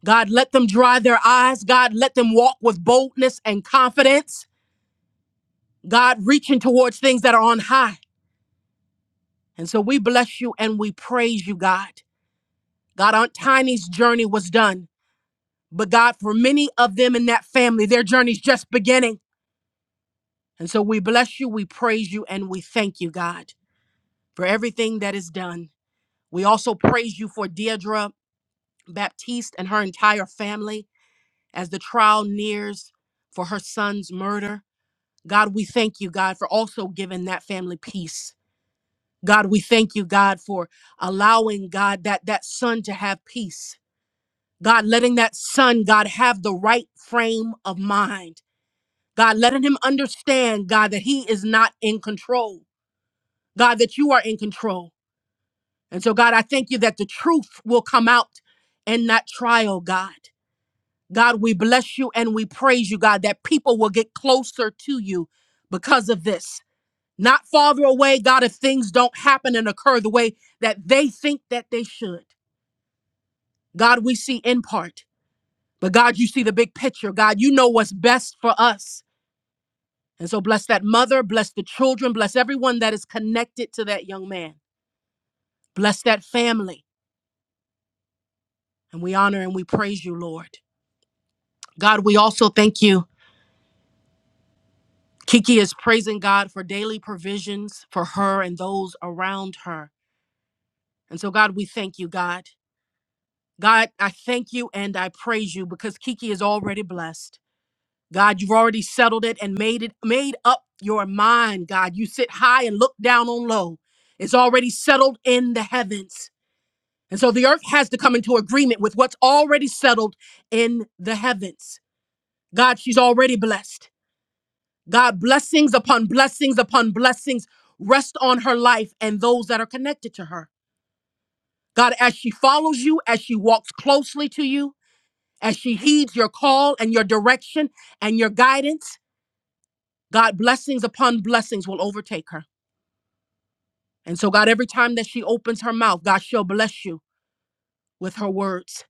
God, let them dry their eyes. God, let them walk with boldness and confidence. God, reaching towards things that are on high. And so we bless you and we praise you, God. God, Aunt Tiny's journey was done. But God, for many of them in that family, their journey's just beginning. And so we bless you, we praise you, and we thank you, God, for everything that is done. We also praise you for Deidre Baptiste and her entire family as the trial nears for her son's murder. God, we thank you, God, for also giving that family peace. God, we thank you, God, for allowing God that that son to have peace. God, letting that son, God, have the right frame of mind. God, letting him understand, God, that he is not in control. God, that you are in control. And so, God, I thank you that the truth will come out in that trial, God. God, we bless you and we praise you, God, that people will get closer to you because of this. not farther away, God, if things don't happen and occur the way that they think that they should. God, we see in part, but God, you see the big picture. God, you know what's best for us. And so bless that mother, bless the children, bless everyone that is connected to that young man, bless that family. And we honor and we praise you, Lord. God, we also thank you. Kiki is praising God for daily provisions for her and those around her. And so, God, we thank you, God. God, I thank you and I praise you because Kiki is already blessed. God, you've already settled it and made it made up your mind, God. You sit high and look down on low. It's already settled in the heavens. And so the earth has to come into agreement with what's already settled in the heavens. God, she's already blessed. God, blessings upon blessings upon blessings rest on her life and those that are connected to her. God, as she follows you, as she walks closely to you, as she heeds your call and your direction and your guidance, God, blessings upon blessings will overtake her. And so, God, every time that she opens her mouth, God, she'll bless you with her words.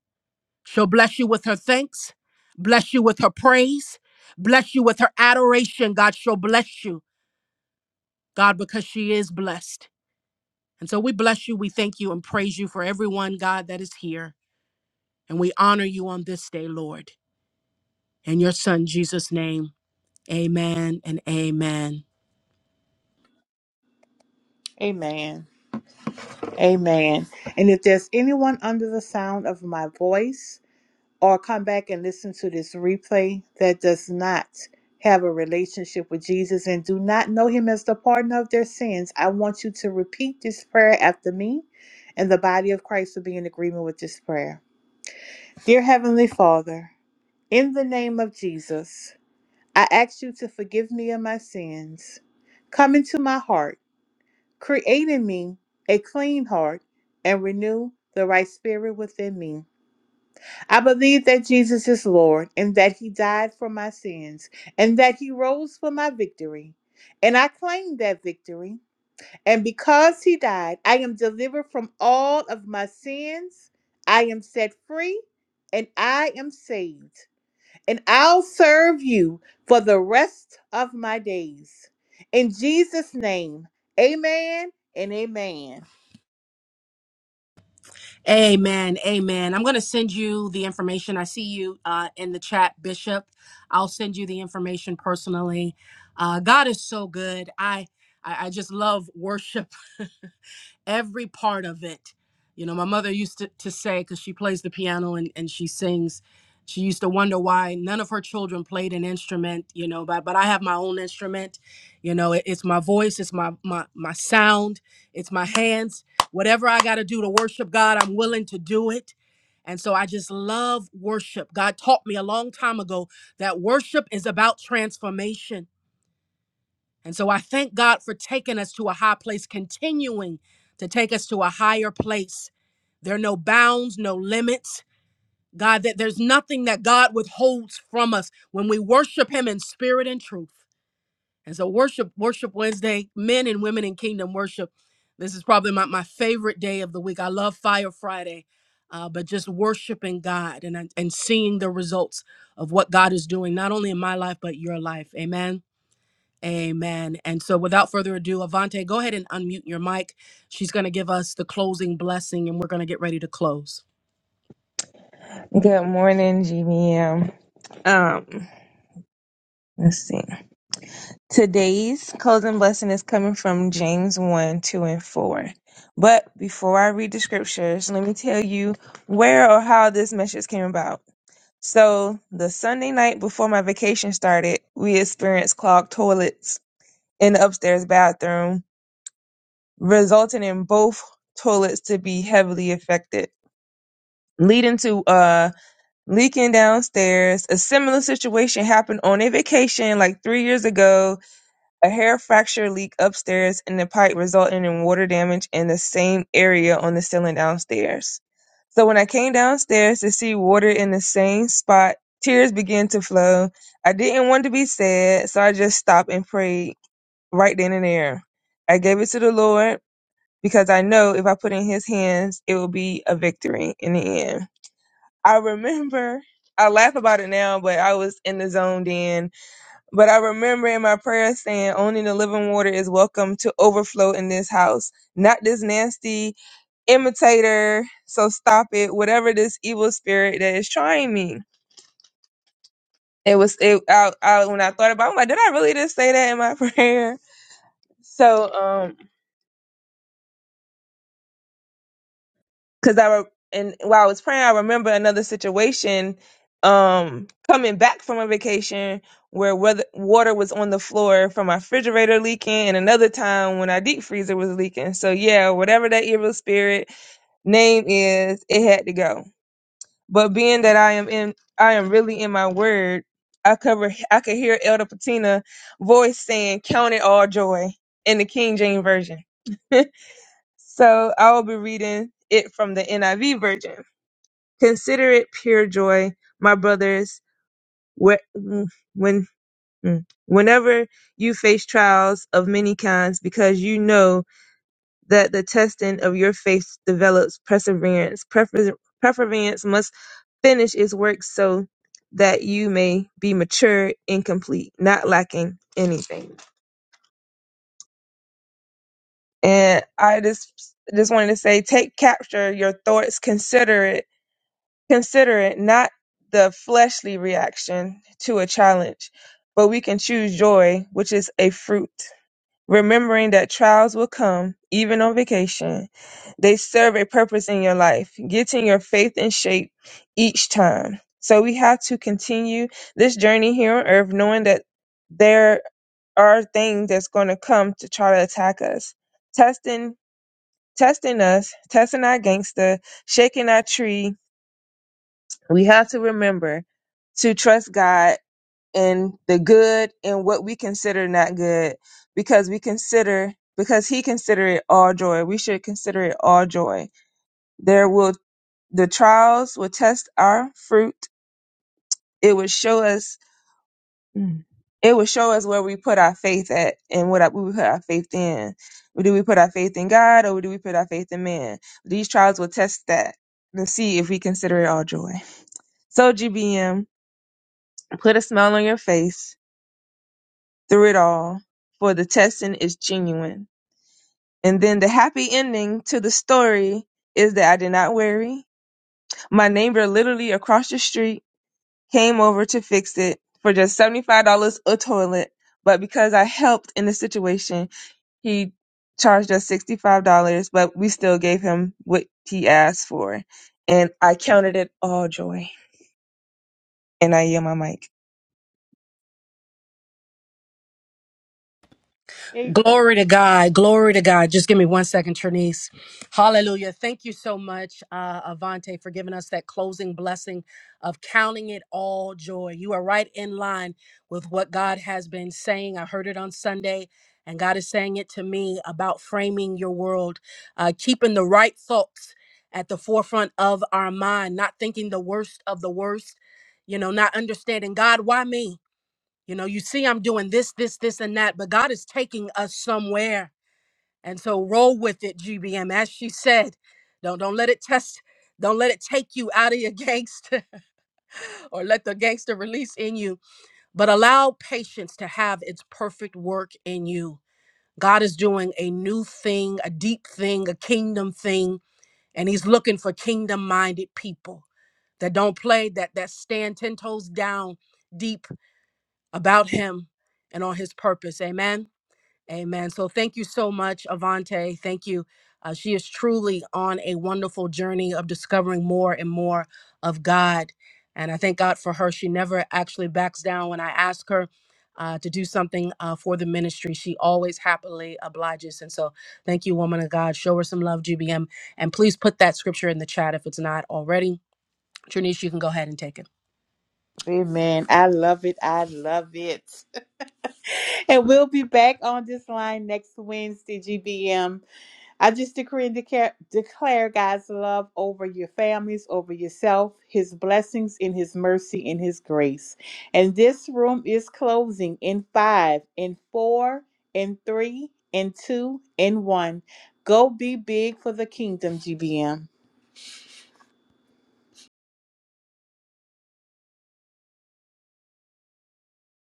She'll bless you with her thanks, bless you with her praise, bless you with her adoration. God, she'll bless you, God, because she is blessed. And so we bless you, we thank you, and praise you for everyone, God, that is here. And we honor you on this day, Lord. In your son, Jesus' name, amen and amen. Amen. Amen. And if there's anyone under the sound of my voice, or come back and listen to this replay that does not have a relationship with Jesus and do not know him as the pardoner of their sins, I want you to repeat this prayer after me, and the body of Christ will be in agreement with this prayer. Dear Heavenly Father, in the name of Jesus, I ask you to forgive me of my sins. Come into my heart, create in me a clean heart, and renew the right spirit within me. I believe that Jesus is Lord and that he died for my sins and that he rose for my victory. And I claim that victory. And because he died, I am delivered from all of my sins. I am set free and I am saved. And I'll serve you for the rest of my days. In Jesus' name, amen and amen. Amen. Amen. I'm going to send you the information. I see you uh, in the chat, Bishop. I'll send you the information personally. Uh, God is so good. I I I just love worship every part of it. You know, my mother used to, to say, because she plays the piano and, and she sings, she used to wonder why none of her children played an instrument, you know, but, but I have my own instrument. You know, it- it's my voice, it's my, my, my sound, it's my hands. Whatever I got to do to worship God, I'm willing to do it. And so I just love worship. God taught me a long time ago that worship is about transformation and so I thank God for taking us to a high place, continuing to take us to a higher place. There are no bounds, no limits. God, that there's nothing that God withholds from us when we worship Him in spirit and truth. And so, worship, worship Wednesday, men and women in kingdom worship. This is probably my, my favorite day of the week. I love Fire Friday, uh, but just worshiping God and, and seeing the results of what God is doing, not only in my life, but your life. Amen. Amen. And so, without further ado, Avante, go ahead and unmute your mic. She's going to give us the closing blessing, and we're going to get ready to close. Good morning, GBM. Um, let's see. Today's closing blessing is coming from James 1, 2, and 4. But before I read the scriptures, let me tell you where or how this message came about. So, the Sunday night before my vacation started, we experienced clogged toilets in the upstairs bathroom, resulting in both toilets to be heavily affected, leading to uh leaking downstairs. A similar situation happened on a vacation like three years ago. A hair fracture leak upstairs in the pipe resulting in water damage in the same area on the ceiling downstairs. So when I came downstairs to see water in the same spot, tears began to flow. I didn't want to be sad, so I just stopped and prayed right then and there. I gave it to the Lord because I know if I put it in his hands, it will be a victory in the end. I remember, I laugh about it now, but I was in the zone then. But I remember in my prayer saying, only the living water is welcome to overflow in this house, not this nasty imitator. So stop it, whatever this evil spirit that is trying me. It was, it, I, I, when I thought about it, I'm like, did I really just say that in my prayer? So, um, because I re- and while I was praying, I remember another situation um coming back from a vacation where weather, water was on the floor from my refrigerator leaking and another time when our deep freezer was leaking so yeah whatever that evil spirit name is it had to go but being that i am in i am really in my word i cover i could hear elder patina voice saying count it all joy in the king james version so i will be reading it from the niv version Consider it pure joy, my brothers, whe- mm, when mm, whenever you face trials of many kinds, because you know that the testing of your faith develops perseverance. Prefer- Perseverance must finish its work so that you may be mature and complete, not lacking anything. And I just just wanted to say, take capture your thoughts, consider it Consider it not the fleshly reaction to a challenge, but we can choose joy, which is a fruit. Remembering that trials will come, even on vacation, they serve a purpose in your life, getting your faith in shape each time. So we have to continue this journey here on earth, knowing that there are things that's going to come to try to attack us, testing, testing us, testing our gangster, shaking our tree, we have to remember to trust God in the good and what we consider not good because we consider because he consider it all joy. We should consider it all joy. There will the trials will test our fruit. It will show us Mm. it will show us where we put our faith at and what we put our faith in. Do we put our faith in God or do we put our faith in man? These trials will test that to see if we consider it all joy. So GBM, Put a smile on your face through it all, for the testing is genuine. And then the happy ending to the story is that I did not worry. My neighbor literally across the street came over to fix it for just $75 a toilet. But because I helped in the situation, he charged us $65, but we still gave him what he asked for. And I counted it all joy. And I yield my mic. Hey, Glory to God. Glory to God. Just give me one second, Trinice. Hallelujah. Thank you so much, uh, Avante, for giving us that closing blessing of counting it all joy. You are right in line with what God has been saying. I heard it on Sunday, and God is saying it to me about framing your world, uh, keeping the right thoughts at the forefront of our mind, not thinking the worst of the worst, you know, not understanding God, why me? You know, you see, I'm doing this, this, this, and that, but God is taking us somewhere. And so roll with it, GBM. As she said, don't don't let it test, don't let it take you out of your gangster or let the gangster release in you, but allow patience to have its perfect work in you. God is doing a new thing, a deep thing, a kingdom thing, and he's looking for kingdom-minded people that don't play, that that stand 10 toes down deep about him and on his purpose. Amen. Amen. So thank you so much, Avante. Thank you. Uh, she is truly on a wonderful journey of discovering more and more of God. And I thank God for her. She never actually backs down when I ask her uh, to do something uh, for the ministry. She always happily obliges. And so thank you, woman of God. Show her some love, GBM. And please put that scripture in the chat if it's not already. Trinice, you can go ahead and take it. Amen. I love it. I love it. and we'll be back on this line next Wednesday, GBM. I just decree and declare, declare God's love over your families, over yourself, His blessings in His mercy and His grace. And this room is closing in five, in four, in three, in two, in one. Go be big for the kingdom, GBM.